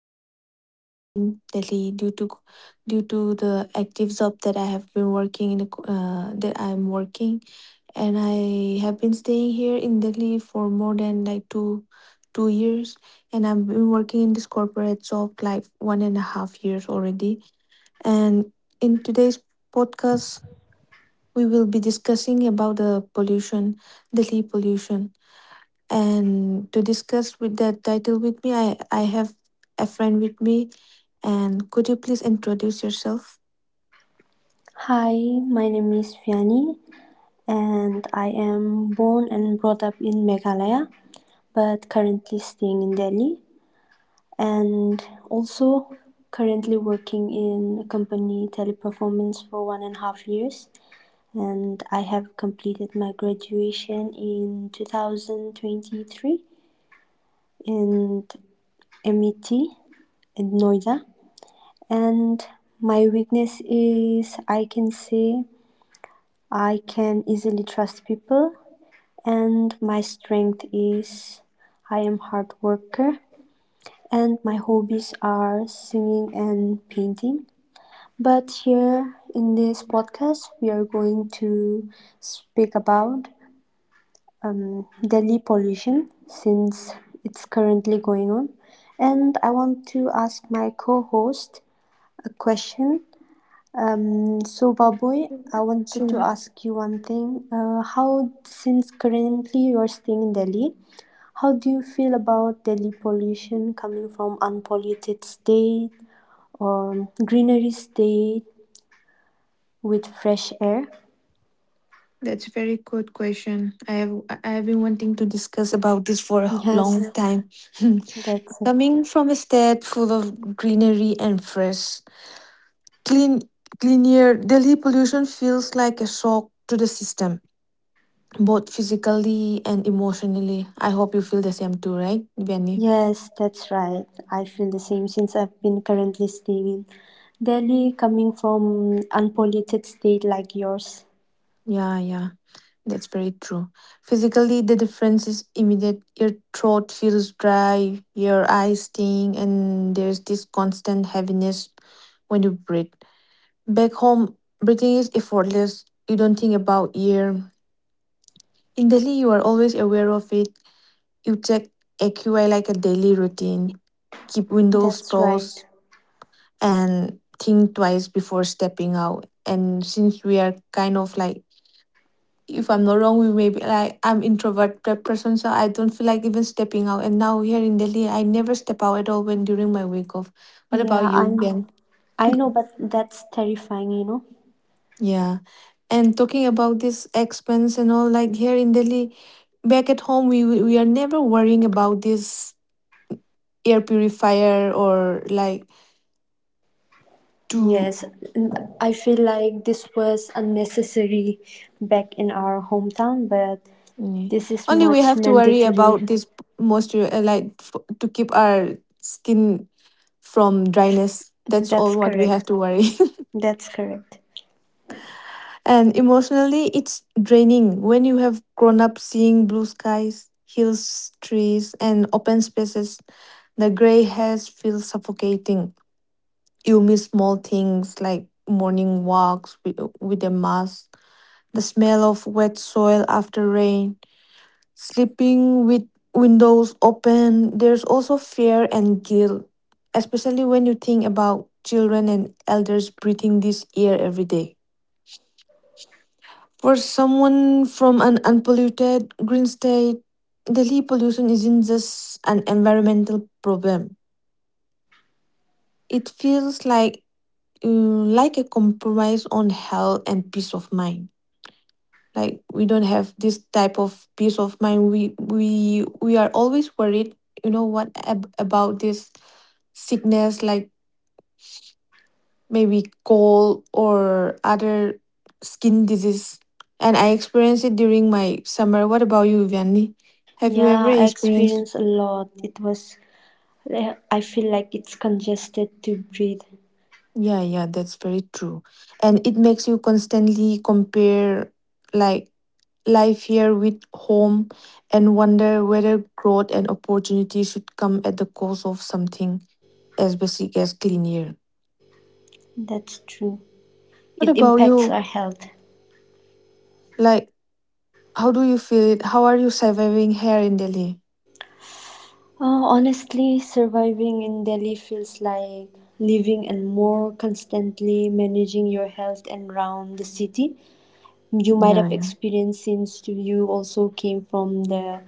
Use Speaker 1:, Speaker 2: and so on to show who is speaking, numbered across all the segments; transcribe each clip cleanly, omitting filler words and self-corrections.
Speaker 1: currently residing in Delhi due to the active job that I have been working in the, that I'm working. And I have been staying here in Delhi for more than like two years, and I've been working in this corporate job like 1.5 years already. And in today's podcast we will be discussing about the pollution, Delhi pollution. And to discuss with that title with me, I have a friend with me. And could you please introduce yourself?
Speaker 2: Hi, my name is Vianney and I am born and brought up in Meghalaya but currently staying in Delhi and also currently working in a company teleperformance for 1.5 years, and I have completed my graduation in 2023 in MIT in Noida. And my weakness is, I can say, I can easily trust people, and my strength is I am hard worker, and my hobbies are singing and painting. But here in this podcast, we are going to speak about Delhi pollution since it's currently going on. And I want to ask my co-host a question. So Baboy, I wanted to
Speaker 1: Sure.
Speaker 2: ask you one thing. How since currently you are staying in Delhi, how do you feel about Delhi pollution coming from unpolluted state or greenery state with fresh air?
Speaker 1: That's a very good question. I have been wanting to discuss about this for a long
Speaker 2: Yes,
Speaker 1: time.
Speaker 2: that's
Speaker 1: Coming from a state full of greenery and fresh Clean, clean air. Delhi pollution feels like a shock to the system, both physically and emotionally. I hope you feel the same too, right, Benny?
Speaker 2: yes, that's right. I feel the same since I've been currently staying in Delhi coming from unpolluted state like yours.
Speaker 1: Yeah, yeah. That's very true. Physically, the difference is immediate. Your throat feels dry, your eyes sting, and there's this constant heaviness when you breathe. Back home, breathing is effortless. You don't think about air. In Delhi, you are always aware of it. You check AQI like a daily routine, keep windows
Speaker 2: That's right.
Speaker 1: closed, and think twice before stepping out. And since we are kind of like, if I'm not wrong, we may be like, I'm introvert type person, so I don't feel like even stepping out. And now here in Delhi, I never step out at all when during my week off. What about
Speaker 2: Yeah, I
Speaker 1: you, Ben?
Speaker 2: know. I know, but that's terrifying.
Speaker 1: Yeah. And talking about this expense and all, like here in Delhi, back at home we are never worrying about this air purifier, or like, to.
Speaker 2: Yes, I feel like this was unnecessary back in our hometown, but
Speaker 1: Yeah.
Speaker 2: this is
Speaker 1: Only we
Speaker 2: much
Speaker 1: have to worry
Speaker 2: mandatory.
Speaker 1: about this moisture, like f to keep our skin from dryness. That's
Speaker 2: That's
Speaker 1: all what we have
Speaker 2: correct.
Speaker 1: to worry.
Speaker 2: That's correct.
Speaker 1: And emotionally, it's draining when you have grown up seeing blue skies, hills, trees, and open spaces. The gray hairs feel suffocating. You miss small things like morning walks with a mask, the smell of wet soil after rain, sleeping with windows open. There's also fear and guilt, especially when you think about children and elders breathing this air every day. For someone from an unpolluted green state, Delhi pollution isn't just an environmental problem. It feels like like a compromise on health and peace of mind. Like, we don't have this type of peace of mind. We are always worried, what about this sickness, like maybe cold or other skin disease. And I experienced it during my summer. What about you, Vianney? Have you ever
Speaker 2: Yeah, I
Speaker 1: experienced?
Speaker 2: experienced a lot. It was, I feel like it's congested to breathe.
Speaker 1: Yeah, yeah, that's very true. And it makes you constantly compare, like, life here with home, and wonder whether growth and opportunity should come at the cost of something as basic as clean air.
Speaker 2: That's true.
Speaker 1: What
Speaker 2: It
Speaker 1: about
Speaker 2: impacts
Speaker 1: you?
Speaker 2: our health.
Speaker 1: Like, how do you feel it? How are you surviving here in Delhi?
Speaker 2: Oh, honestly, surviving in Delhi feels like living and more constantly managing your health and around the city. You might have
Speaker 1: Yeah,
Speaker 2: experienced since you also came from the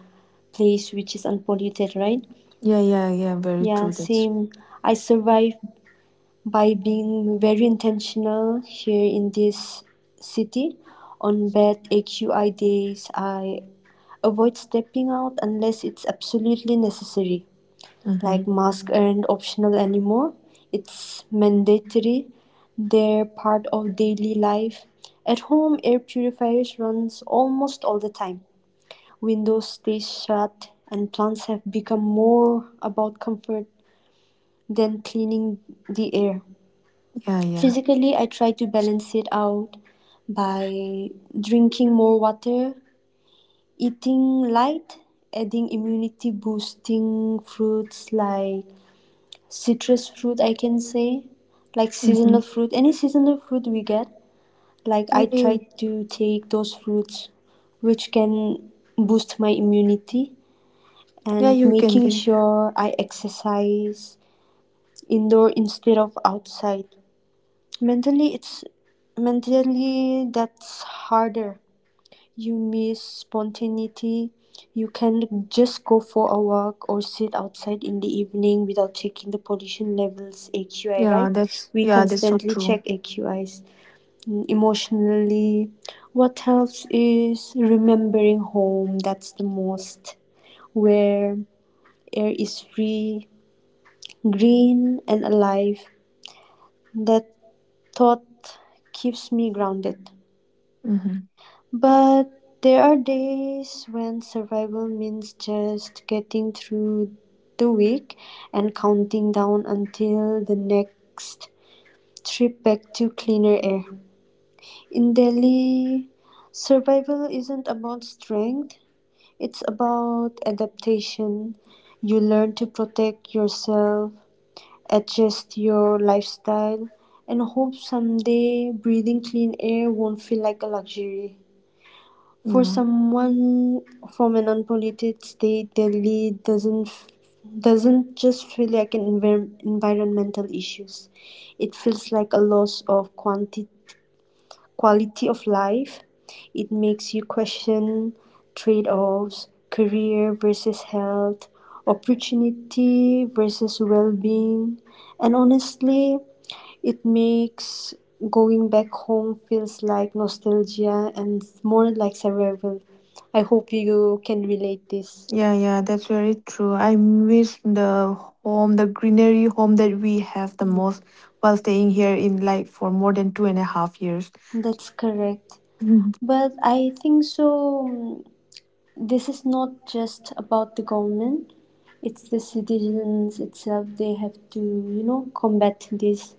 Speaker 2: place which is unpolluted, right?
Speaker 1: yeah, yeah, yeah. Very
Speaker 2: Yeah,
Speaker 1: true. That's.
Speaker 2: same. I survived by being very intentional here in this city. On bad AQI days, I avoid stepping out unless it's absolutely necessary. Like,
Speaker 1: Mm-hmm.
Speaker 2: masks aren't optional anymore. It's mandatory. They're part of daily life. At home, air purifiers runs almost all the time. Windows stay shut, and plants have become more about comfort than cleaning the air.
Speaker 1: Yeah, yeah.
Speaker 2: Physically, I try to balance it out by drinking more water, eating light, adding immunity boosting fruits like citrus fruit, I can say, like
Speaker 1: Mm-hmm.
Speaker 2: seasonal fruit, any seasonal fruit we get. Like, I
Speaker 1: Yeah,
Speaker 2: try
Speaker 1: yeah.
Speaker 2: to take those fruits which can boost my immunity
Speaker 1: Yeah,
Speaker 2: and
Speaker 1: you can
Speaker 2: making
Speaker 1: get.
Speaker 2: sure I exercise indoor instead of outside. Mentally, it's Mentally that's harder. You miss spontaneity. You can just go for a walk or sit outside in the evening without checking the pollution levels AQI,
Speaker 1: Yeah,
Speaker 2: right?
Speaker 1: that's.
Speaker 2: We
Speaker 1: Yeah, that's so
Speaker 2: constantly
Speaker 1: true.
Speaker 2: check AQIs. Emotionally, what helps is remembering home. That's the most where air is free, green and alive. That thought keeps me grounded.
Speaker 1: Mm-hmm.
Speaker 2: But there are days when survival means just getting through the week and counting down until the next trip back to cleaner air. In Delhi, survival isn't about strength, it's about adaptation. You learn to protect yourself, adjust your lifestyle, and hope someday breathing clean air won't feel like a luxury. For
Speaker 1: Yeah.
Speaker 2: someone from an unpolluted state, Delhi doesn't just feel like an environmental issues. It feels like a loss of quantity quality of life. It makes you question trade offs, career versus health, opportunity versus well being. And honestly, it makes going back home feels like nostalgia and more like survival. I hope you can relate this.
Speaker 1: Yeah, yeah, that's very true. I miss the home, the greenery home that we have the most, while staying here in like for more than 2.5 years.
Speaker 2: That's correct.
Speaker 1: Mhm.
Speaker 2: But I think so. This is not just about the government, it's the citizens itself. They have to, you know, combat this.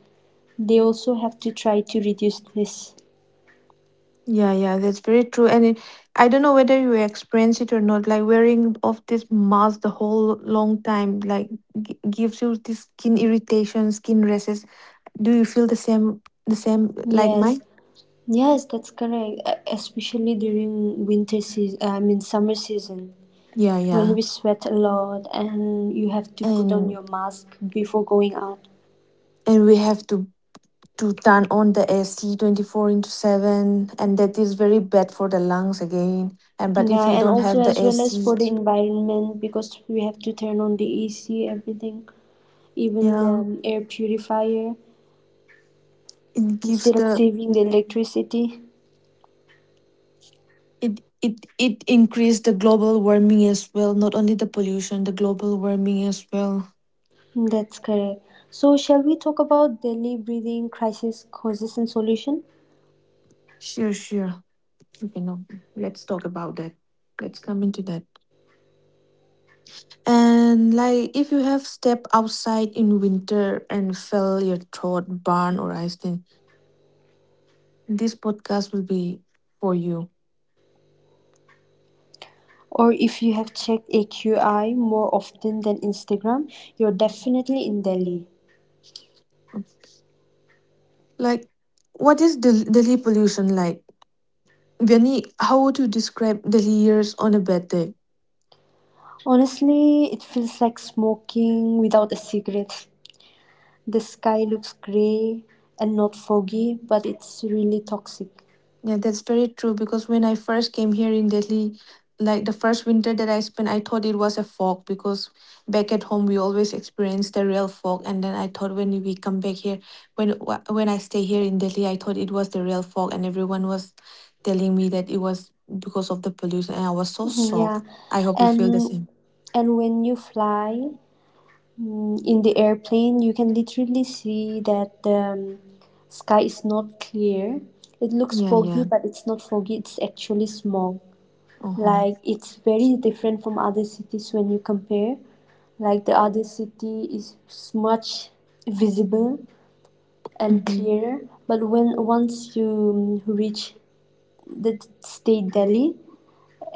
Speaker 2: They also have to try to reduce this.
Speaker 1: Yeah, yeah, that's very true. And it, I don't know whether you experience it or not. Like wearing of this mask the whole long time, like gives you this skin irritation, skin rashes. Do you feel the same? The same like mine?
Speaker 2: Yes, yes, that's correct. Especially during winter season, I mean, summer season,
Speaker 1: Yeah,
Speaker 2: when
Speaker 1: yeah.
Speaker 2: we sweat a lot and you have to put on
Speaker 1: And
Speaker 2: your mask before going out.
Speaker 1: and we have to turn on the AC 24 into 7, and that is very bad for the lungs again, and but if
Speaker 2: Yeah,
Speaker 1: we
Speaker 2: and
Speaker 1: don't
Speaker 2: also
Speaker 1: have the
Speaker 2: as well as
Speaker 1: AC.
Speaker 2: for the environment, because we have to turn on the AC, everything, even the
Speaker 1: Yeah,
Speaker 2: air purifier.
Speaker 1: it gives
Speaker 2: Instead of
Speaker 1: the
Speaker 2: saving the electricity.
Speaker 1: it increase the global warming as well, not only the pollution, the global warming as well.
Speaker 2: That's correct. So, shall we talk about Delhi breathing crisis causes and solution?
Speaker 1: Sure, sure. Okay. No, let's talk about that. Let's come into that. And, like, if you have stepped outside in winter and fell your throat burn or ice, then this podcast will be for you.
Speaker 2: Or if you have checked AQI more often than Instagram, you're definitely in Delhi.
Speaker 1: Like, what is Delhi pollution like? Benny, how would you describe Delhi years on a bad day?
Speaker 2: Honestly, it feels like smoking without a cigarette. The sky looks grey and not foggy, but it's really toxic.
Speaker 1: Yeah, that's very true, because when I first came here in Delhi, like the first winter that I spent, I thought it was a fog, because back at home we always experience the real fog. And then I thought when we come back here, when I stay here in Delhi, I thought it was the real fog, and everyone was telling me that it was because of the pollution, and I was so
Speaker 2: Mhm. Yeah,
Speaker 1: shocked. I hope you feel the
Speaker 2: and
Speaker 1: same.
Speaker 2: and when you fly, in the airplane you can literally see that the sky is not clear, it looks
Speaker 1: Yeah,
Speaker 2: foggy
Speaker 1: yeah.
Speaker 2: but it's not foggy, it's actually smog.
Speaker 1: Uh huh.
Speaker 2: Like it's very different from other cities when you compare, like the other city is much visible and
Speaker 1: Mm-hmm.
Speaker 2: clearer, but when once you reach the state delhi,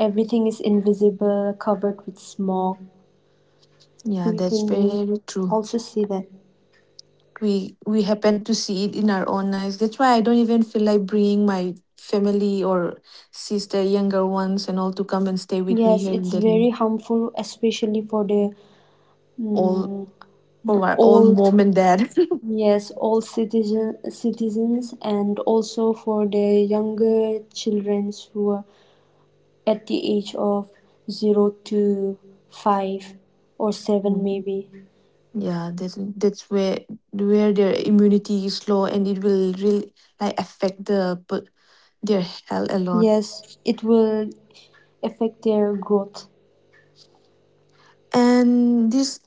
Speaker 2: everything is invisible covered with smog.
Speaker 1: Yeah,
Speaker 2: We
Speaker 1: that's
Speaker 2: can
Speaker 1: very true.
Speaker 2: also see that.
Speaker 1: We happen to see it in our own eyes. That's why I don't even feel like bringing my family or sister, younger ones, and all to come and stay with me
Speaker 2: Yes,
Speaker 1: here in
Speaker 2: it's very
Speaker 1: Delhi.
Speaker 2: harmful, especially for the
Speaker 1: All
Speaker 2: mm,
Speaker 1: for our own
Speaker 2: old,
Speaker 1: mom and dad.
Speaker 2: yes, old citizens, and also for the younger children who are at the age of zero to five or seven,
Speaker 1: Mm.
Speaker 2: maybe.
Speaker 1: Yeah, that's where their immunity is low, and it will really like affect their health a lot.
Speaker 2: Yes, it will affect their growth.
Speaker 1: And this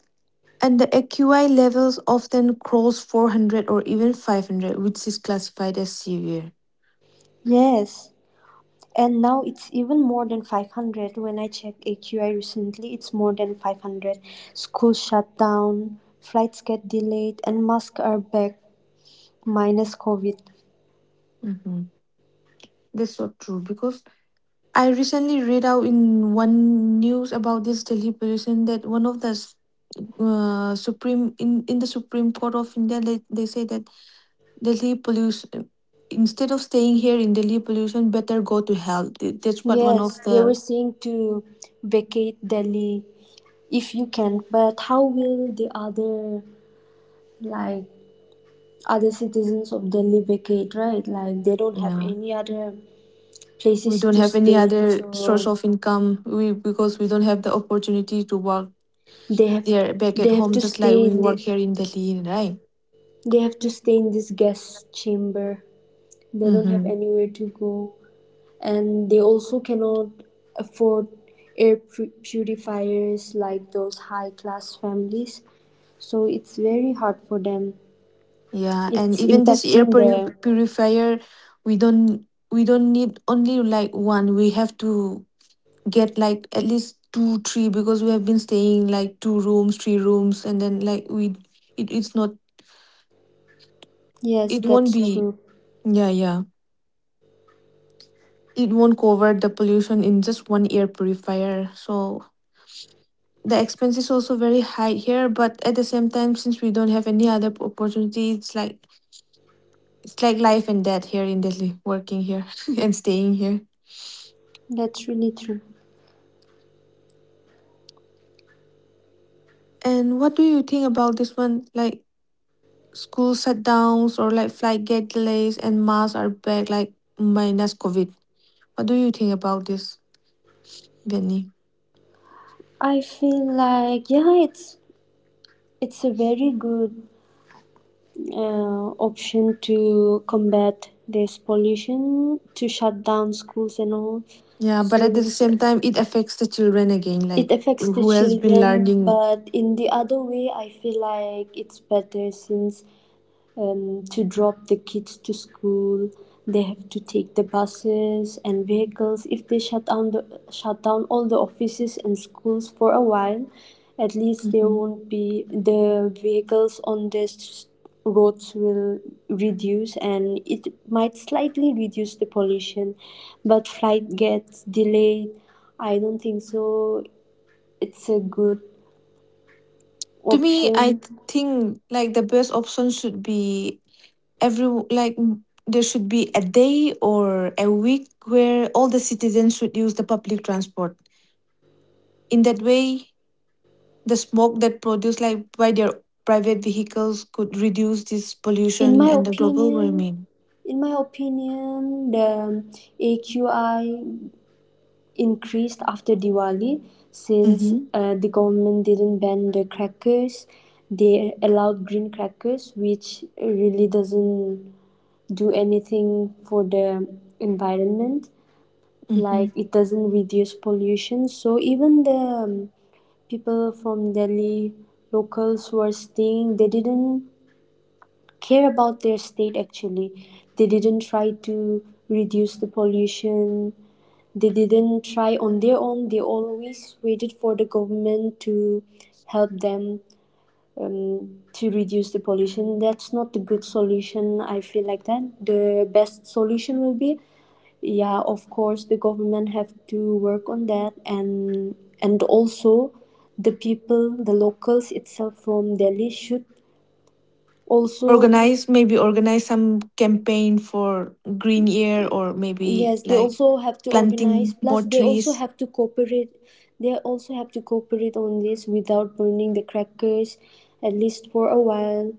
Speaker 1: and the AQI levels often cross 400 or even 500, which is classified as severe.
Speaker 2: Yes. And now it's even more than 500. When I checked AQI recently, it's more than 500. Schools shut down, flights get delayed, and masks are back minus COVID.
Speaker 1: Mm-hmm. That's so true, because I recently read out in one news about this Delhi pollution that one of the supreme in the Supreme Court of India, they say that Delhi pollution. Instead of staying here in Delhi pollution, better go to hell. That's what one of
Speaker 2: Yes, they were
Speaker 1: the.
Speaker 2: saying to vacate Delhi if you can, but how will the other, like other citizens of Delhi vacate, right? Like they don't have
Speaker 1: Yeah.
Speaker 2: any other
Speaker 1: We
Speaker 2: places
Speaker 1: don't
Speaker 2: to
Speaker 1: have any
Speaker 2: stay,
Speaker 1: other source
Speaker 2: so
Speaker 1: of income. We Because we don't have the opportunity to work
Speaker 2: they have
Speaker 1: there back at
Speaker 2: they have
Speaker 1: home,
Speaker 2: to
Speaker 1: just like
Speaker 2: stay
Speaker 1: we
Speaker 2: in
Speaker 1: work
Speaker 2: this
Speaker 1: here in Delhi, right?
Speaker 2: they have to stay in this gas chamber. They don't have
Speaker 1: Mm-hmm.
Speaker 2: anywhere to go, and they also cannot afford purifiers like those high class families, so it's very hard for them.
Speaker 1: Yeah, and
Speaker 2: It's
Speaker 1: even this air
Speaker 2: impacting the
Speaker 1: purifier, we don't we don't need only like one. We have to get like at least two, three, because we have been staying like two rooms, three rooms, and then like we, it's not.
Speaker 2: yes
Speaker 1: It won't
Speaker 2: that's
Speaker 1: be,
Speaker 2: true.
Speaker 1: yeah, yeah. It won't cover the pollution in just one air purifier. So the expense is also very high here, but at the same time, since we don't have any other opportunity, it's like life and death here in Delhi, working here and staying here.
Speaker 2: That's really true.
Speaker 1: And what do you think about this one? Like school shutdowns, or like flight gate delays and masks are back, like minus COVID. What do you think about this, Benny?
Speaker 2: I feel like yeah, it's a very good option to combat this pollution, to shut down schools and all.
Speaker 1: Yeah, but at the
Speaker 2: Since
Speaker 1: same time, it affects the children again, like,
Speaker 2: it affects the
Speaker 1: who has been
Speaker 2: children,
Speaker 1: learning.
Speaker 2: but in the other way I feel like it's better since, to drop the kids to school, they have to take the buses and vehicles. If they shut down the shut down all the offices and schools for a while, at least there
Speaker 1: Mhm.
Speaker 2: won't be the vehicles on the roads, will reduce and it might slightly reduce the pollution. But flight gets delayed, I don't think so it's a good
Speaker 1: To me, I
Speaker 2: option.
Speaker 1: th- think, like, the best option should be every like there should be a day or a week where all the citizens should use the public transport. In that way, the smoke that produced like by their private vehicles could reduce this
Speaker 2: In
Speaker 1: pollution
Speaker 2: my
Speaker 1: and the global
Speaker 2: opinion,
Speaker 1: warming.
Speaker 2: the AQI increased after diwali, since
Speaker 1: Mm-hmm.
Speaker 2: the government didn't ban the crackers. They allowed green crackers, which really doesn't do anything for the environment. Like
Speaker 1: Mm-hmm.
Speaker 2: it doesn't reduce pollution. So even the um, people from delhi, locals who are staying, they didn't care about their state actually. They didn't try to reduce the pollution. They didn't try on their own, they always waited for the government to help them, to reduce the pollution. That's not the good solution. I feel like that the best solution will be, yeah, of course the government have to work on that, and also the people, the locals itself from delhi should also.
Speaker 1: Organize some campaign for green year, or maybe
Speaker 2: Yes, they
Speaker 1: like,
Speaker 2: also have to organize.
Speaker 1: planting more
Speaker 2: Plus, they also
Speaker 1: trees.
Speaker 2: have to cooperate. They also have to cooperate on this without burning the crackers, at least for a while.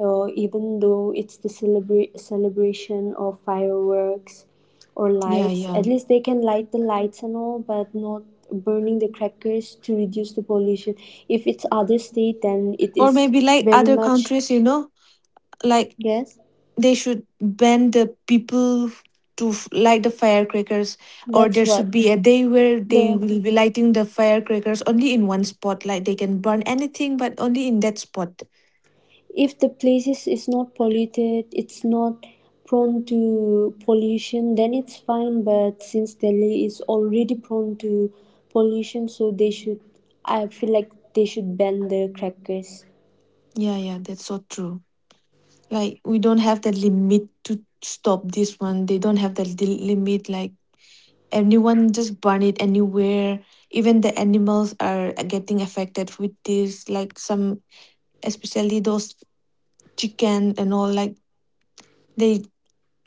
Speaker 2: Even though it's the celebration of fireworks or
Speaker 1: Yeah,
Speaker 2: lights,
Speaker 1: yeah.
Speaker 2: at least they can light the lights and all, but not burning the crackers, to reduce the pollution. If it's other state, then it
Speaker 1: Or
Speaker 2: is
Speaker 1: maybe like
Speaker 2: very
Speaker 1: other
Speaker 2: much
Speaker 1: countries, like
Speaker 2: yes.
Speaker 1: they should ban the people to light the firecrackers. Or
Speaker 2: That's
Speaker 1: there should
Speaker 2: what
Speaker 1: be a day where they
Speaker 2: the
Speaker 1: will be lighting the firecrackers only in one spot, like they can burn anything, but only in that spot.
Speaker 2: if the places is not polluted, it's not prone to pollution, then it's fine. But since delhi is already prone to pollution, so they should, I feel like they should ban the crackers.
Speaker 1: Yeah, yeah, that's so true. Like we don't have the limit to stop this one, they don't have the limit, like. Anyone just burn it anywhere. Even the animals are getting affected with this. Like some, especially those chicken and all. Like they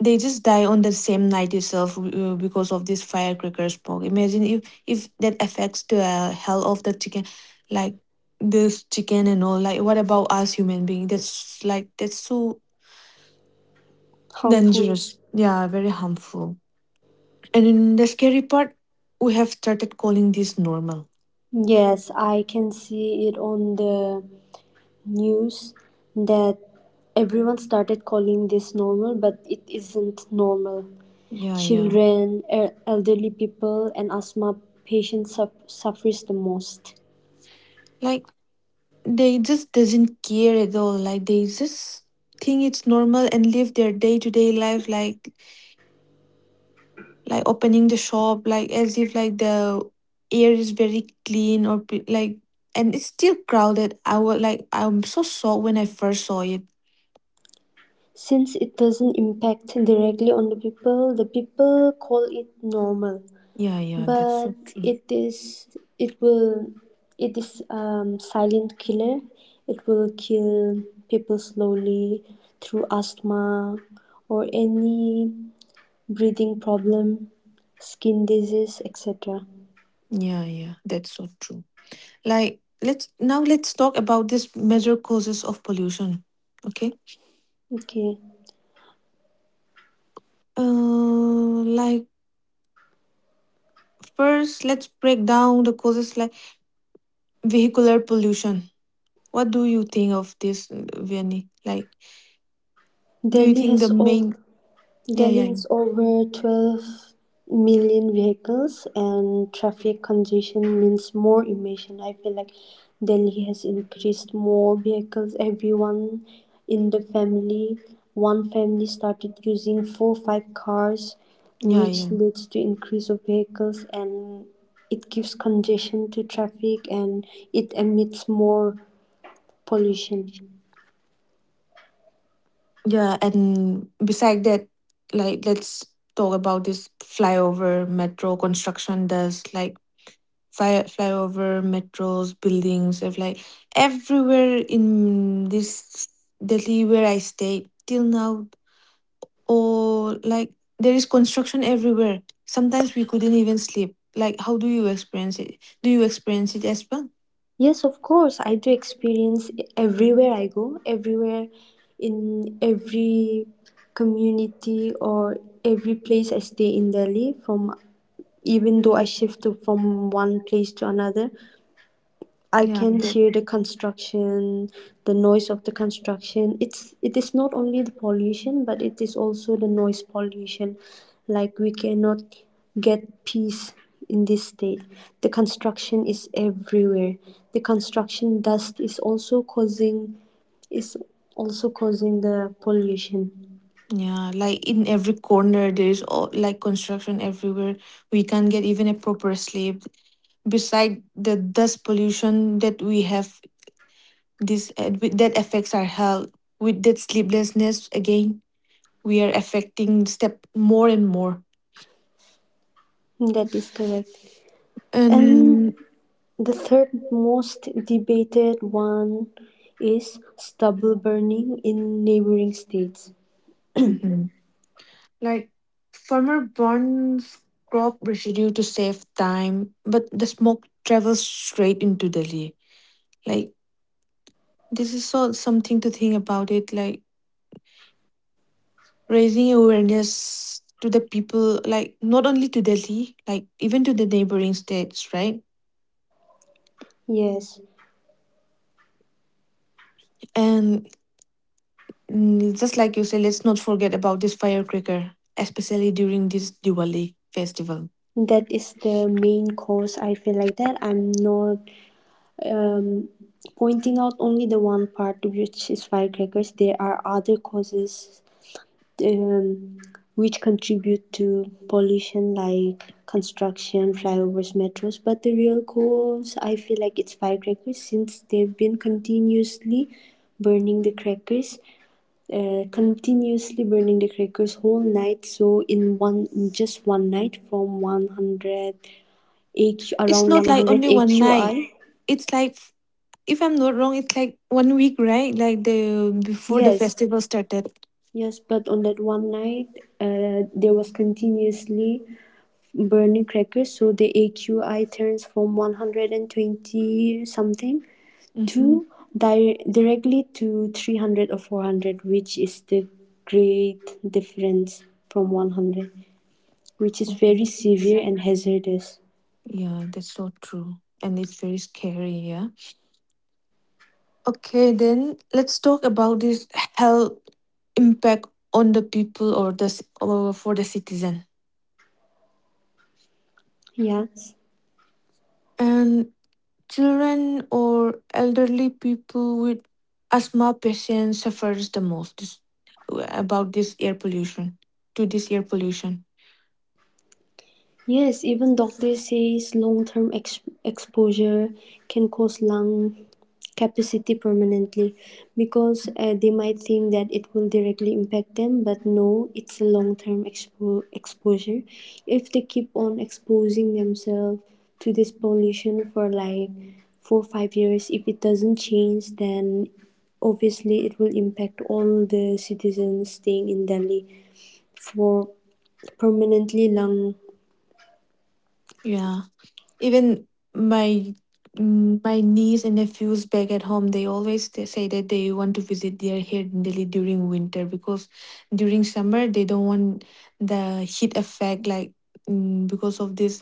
Speaker 1: they just die on the same night itself, because of this firecracker smoke. Imagine if that affects the health of the chicken, like this chicken and all. Like, what about us human being? That's so
Speaker 2: Harmful
Speaker 1: dangerous. Yeah, very harmful. And in the scary part, we have started calling this normal.
Speaker 2: yes, I can see it on the news that everyone started calling this normal, but it isn't normal.
Speaker 1: Yeah, yeah.
Speaker 2: Children, elderly people, and asthma patients suffers the most.
Speaker 1: Like they just doesn't care at all. Like they just think it's normal and live their day to day life, like opening the shop, like as if like the air is very clean, or like, and it's still crowded. I would like I'm so shocked when I first saw it.
Speaker 2: Since it doesn't impact directly on the people call it normal.
Speaker 1: Yeah, yeah, that's so
Speaker 2: But
Speaker 1: true.
Speaker 2: it is it will it is silent killer. It will kill people slowly through asthma or any breathing problem, skin disease, etc.
Speaker 1: Yeah, yeah, that's so true. Like, let's now let's talk about these major causes of pollution. Okay.
Speaker 2: Okay.
Speaker 1: Like, first, let's break down the causes, like vehicular pollution. What do you think of this, Vianney? Like, do you
Speaker 2: Delhi
Speaker 1: think the
Speaker 2: has over
Speaker 1: main? Yeah,
Speaker 2: Delhi
Speaker 1: yeah,
Speaker 2: has over 12 million vehicles and traffic congestion means more emission. I feel like Delhi has increased more vehicles. Everyone in the family, one family started using 4 or 5 cars,
Speaker 1: yeah,
Speaker 2: which
Speaker 1: yeah,
Speaker 2: leads to increase of vehicles, and it gives congestion to traffic and it emits more pollution.
Speaker 1: yeah. And beside that, like, let's talk about this flyover metro construction. Does like flyover metros, buildings, if like everywhere in this Delhi where I stay till now, or like there is construction everywhere. Sometimes we couldn't even sleep. Like, how do you experience it? Do you experience it as well?
Speaker 2: Yes, of course I do experience everywhere I go, everywhere in every community or every place I stay in delhi. From Even though I shift to, from one place to another, I
Speaker 1: Yeah,
Speaker 2: can
Speaker 1: that.
Speaker 2: hear the construction, the noise of the construction. It is not only the pollution, but it is also the noise pollution. Like we cannot get peace in this state. The construction is everywhere. The construction dust is is also causing the pollution.
Speaker 1: Yeah, like in every corner there is all, like construction everywhere. We can't get even a proper sleep. Beside the dust pollution that we have, this that affects our health. With that sleeplessness, again, we are affecting step more and more.
Speaker 2: That is correct. And
Speaker 1: And
Speaker 2: the third most debated one is stubble burning in neighboring states.
Speaker 1: mhm. Like farmer burns crop residue to save time, but the smoke travels straight into Delhi. Like this is so something to think about it. Like raising awareness to the people, like not only to Delhi, like even to the neighboring states, right?
Speaker 2: Yes,
Speaker 1: And just like you say, let's not forget about this firecracker, especially during this Diwali festival.
Speaker 2: that is the main cause. I feel like that. I'm not um, pointing out only the one part, which is firecrackers. There are other causes, um, which contribute to pollution like construction, flyovers, metros. But the real cause, I feel like it's firecrackers, since they've been continuously burning the crackers, continuously burning the crackers whole night. So in one, in just one night from 100 AQ,
Speaker 1: It's
Speaker 2: around
Speaker 1: not like
Speaker 2: 100
Speaker 1: only one night.
Speaker 2: AQI.
Speaker 1: It's like if I'm not wrong, it's like 1 week, right? Like the before the
Speaker 2: Yes,
Speaker 1: festival started.
Speaker 2: yes, but on that one night, there was continuously burning crackers. So the AQI turns from 120 something
Speaker 1: Mm-hmm.
Speaker 2: to directly to 300 or 400, which is the great difference from 100, which is very severe and hazardous.
Speaker 1: Yeah, that's so true. And it's very scary, yeah. Okay, then let's talk about this health impact on the people or the or for the citizen.
Speaker 2: Yes.
Speaker 1: And children or elderly people with asthma patients suffers the most about this air pollution, to this air pollution.
Speaker 2: Yes, even doctors says long-term exposure can cause lung capacity permanently, because they might think that it will directly impact them, but no, it's a long-term exposure. If they keep on exposing themselves to this pollution for like 4 or 5 years, if it doesn't change, then obviously it will impact all the citizens staying in delhi for permanently lung
Speaker 1: Yeah, even my my niece and nephews back at home, they always say that they want to visit their here in Delhi during winter because during summer they don't want the heat effect like because of this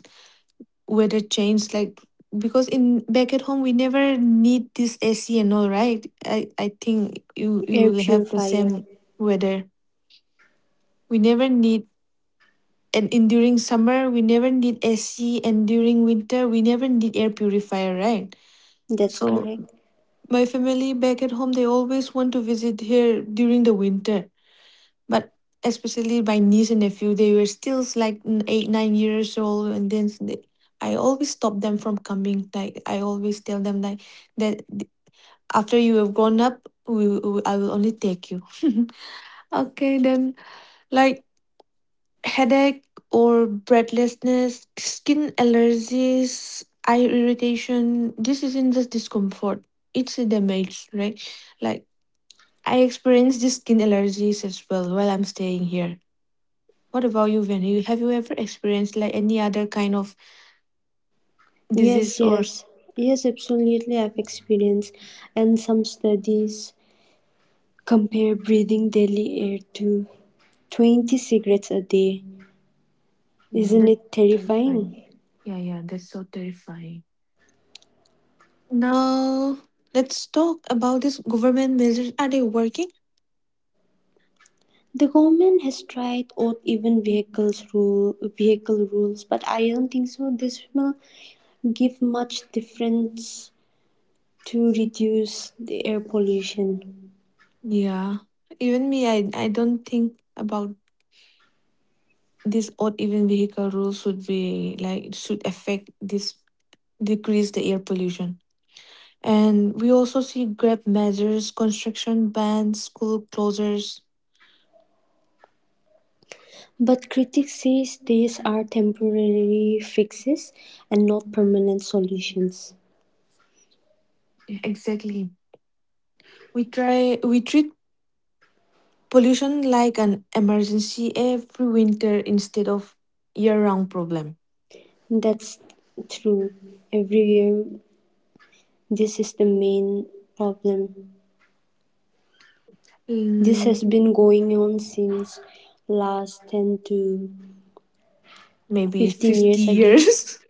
Speaker 1: weather change like because in back at home we never need this AC and all right. I think you
Speaker 2: air
Speaker 1: will have the
Speaker 2: purifier.
Speaker 1: same weather. We never need, and in during summer we never need AC, and during winter we never need air purifier, right?
Speaker 2: That's
Speaker 1: So
Speaker 2: correct.
Speaker 1: my family back at home they always want to visit here during the winter, but especially my niece and nephew, they were still 8 9 years old and I always stop them from coming. Like I always tell them like that th- after you have grown up we I will only take you. Okay, then like headache or breathlessness, skin allergies, eye irritation, this isn't just discomfort, it's a damage, right? Like I experienced these skin allergies as well while I'm staying here. What about you, Vinny? Have you ever experienced like any other kind of
Speaker 2: Yes,
Speaker 1: disease or? S-
Speaker 2: yes, yes, absolutely. I've experienced, and some studies compare breathing daily air to 20 cigarettes a day.
Speaker 1: yeah,
Speaker 2: Isn't
Speaker 1: that's
Speaker 2: it
Speaker 1: terrifying.
Speaker 2: terrifying?
Speaker 1: Yeah, yeah, that's so terrifying. Now let's talk about these government measures. Are they working?
Speaker 2: The government has tried out even vehicle rules, but I don't think so. This will give much difference to reduce the air pollution.
Speaker 1: Yeah, even me, I don't think about this odd even vehicle rules. Should be like it should affect this decrease the air pollution. And we also see grab measures, construction bans, school closures.
Speaker 2: But critics say these are temporary fixes and not permanent solutions.
Speaker 1: Yeah, exactly. We treat pollution like an emergency every winter instead of year round problem.
Speaker 2: That's true. Everywhere. This is the main problem. This has
Speaker 1: Mm,
Speaker 2: been going on since last 10 to
Speaker 1: maybe
Speaker 2: 15
Speaker 1: 50
Speaker 2: years, I guess.
Speaker 1: years.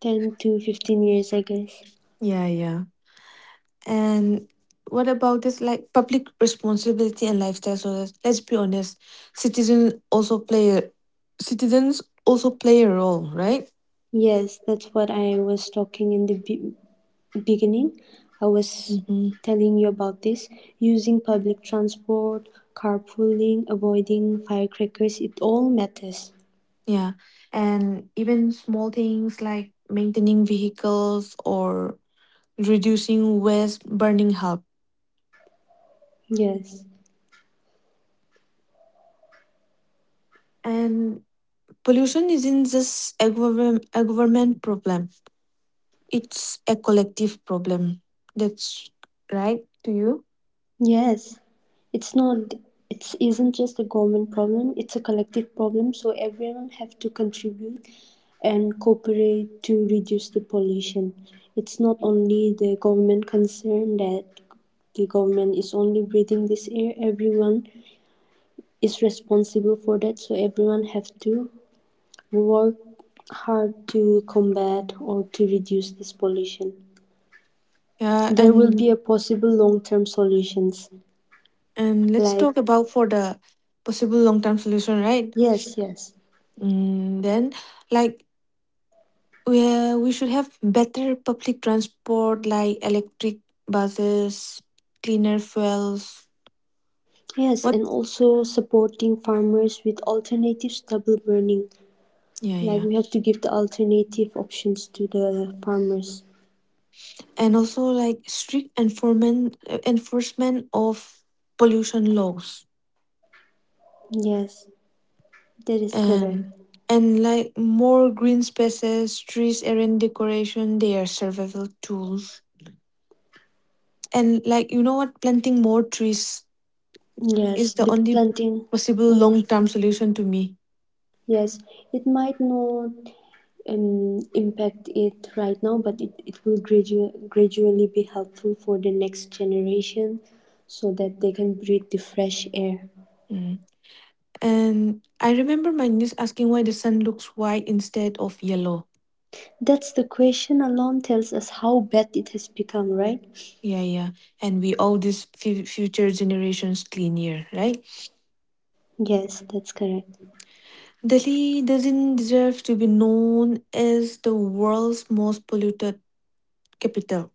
Speaker 2: 10 to 15 years, I guess.
Speaker 1: Yeah, yeah. And what about this like public responsibility and lifestyle? So let's be honest, citizens also play a- citizens also play a role, right?
Speaker 2: Yes, that's what I was talking in the beginning. I was
Speaker 1: Mm-hmm.
Speaker 2: telling you about this. Using public transport, carpooling, avoiding firecrackers, it all matters.
Speaker 1: Yeah. And even small things like maintaining vehicles or reducing waste burning help.
Speaker 2: Yes.
Speaker 1: And pollution isn't just a government problem, it's a collective problem. That's right to you.
Speaker 2: Yes, it's not. It isn't just a government problem. It's a collective problem. So everyone have to contribute and cooperate to reduce the pollution. It's not only the government concern that the government is only breathing this air. Everyone is responsible for that. So everyone have to work hard to combat or to reduce this pollution.
Speaker 1: Yeah,
Speaker 2: There will be a possible long-term solutions
Speaker 1: and let's
Speaker 2: like
Speaker 1: talk about for the possible long term solution, right?
Speaker 2: yes, yes.
Speaker 1: Then, like where we should have better public transport like electric buses, cleaner fuels.
Speaker 2: Yes,
Speaker 1: What?
Speaker 2: and also supporting farmers with alternatives, double burning.
Speaker 1: Yeah,
Speaker 2: Like
Speaker 1: yeah.
Speaker 2: we have to give the alternative options to the farmers.
Speaker 1: And also like strict enforcement of pollution laws,
Speaker 2: Yes, that is correct.
Speaker 1: and and like more green spaces, trees, and decoration. They are survival tools. And like you know what, planting more trees
Speaker 2: Yes,
Speaker 1: is the
Speaker 2: the
Speaker 1: only
Speaker 2: planting
Speaker 1: possible
Speaker 2: more.
Speaker 1: long term solution to me.
Speaker 2: Yes, it might not impact it right now, but it will gradually be helpful for the next generation so that they can breathe the fresh air.
Speaker 1: Mm. And I remember my niece asking why the sun looks white instead of yellow.
Speaker 2: That's the question alone tells us how bad it has become, right?
Speaker 1: Yeah, yeah. And we owe these future generations clean air, right?
Speaker 2: Yes, that's correct.
Speaker 1: Delhi doesn't deserve to be known as the world's most polluted capital.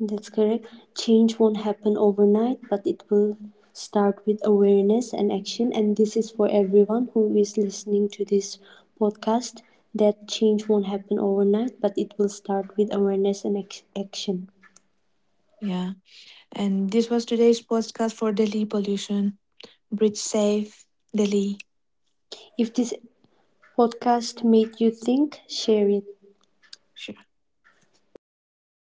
Speaker 2: That's correct. Change won't happen overnight, but it will start with awareness and action. And this is for everyone who is listening to this podcast that change won't happen overnight, but it will start with awareness and action.
Speaker 1: Yeah. And this was today's podcast for Delhi pollution. Bridge Safe, Delhi.
Speaker 2: If this podcast made you think, share it. Thank you.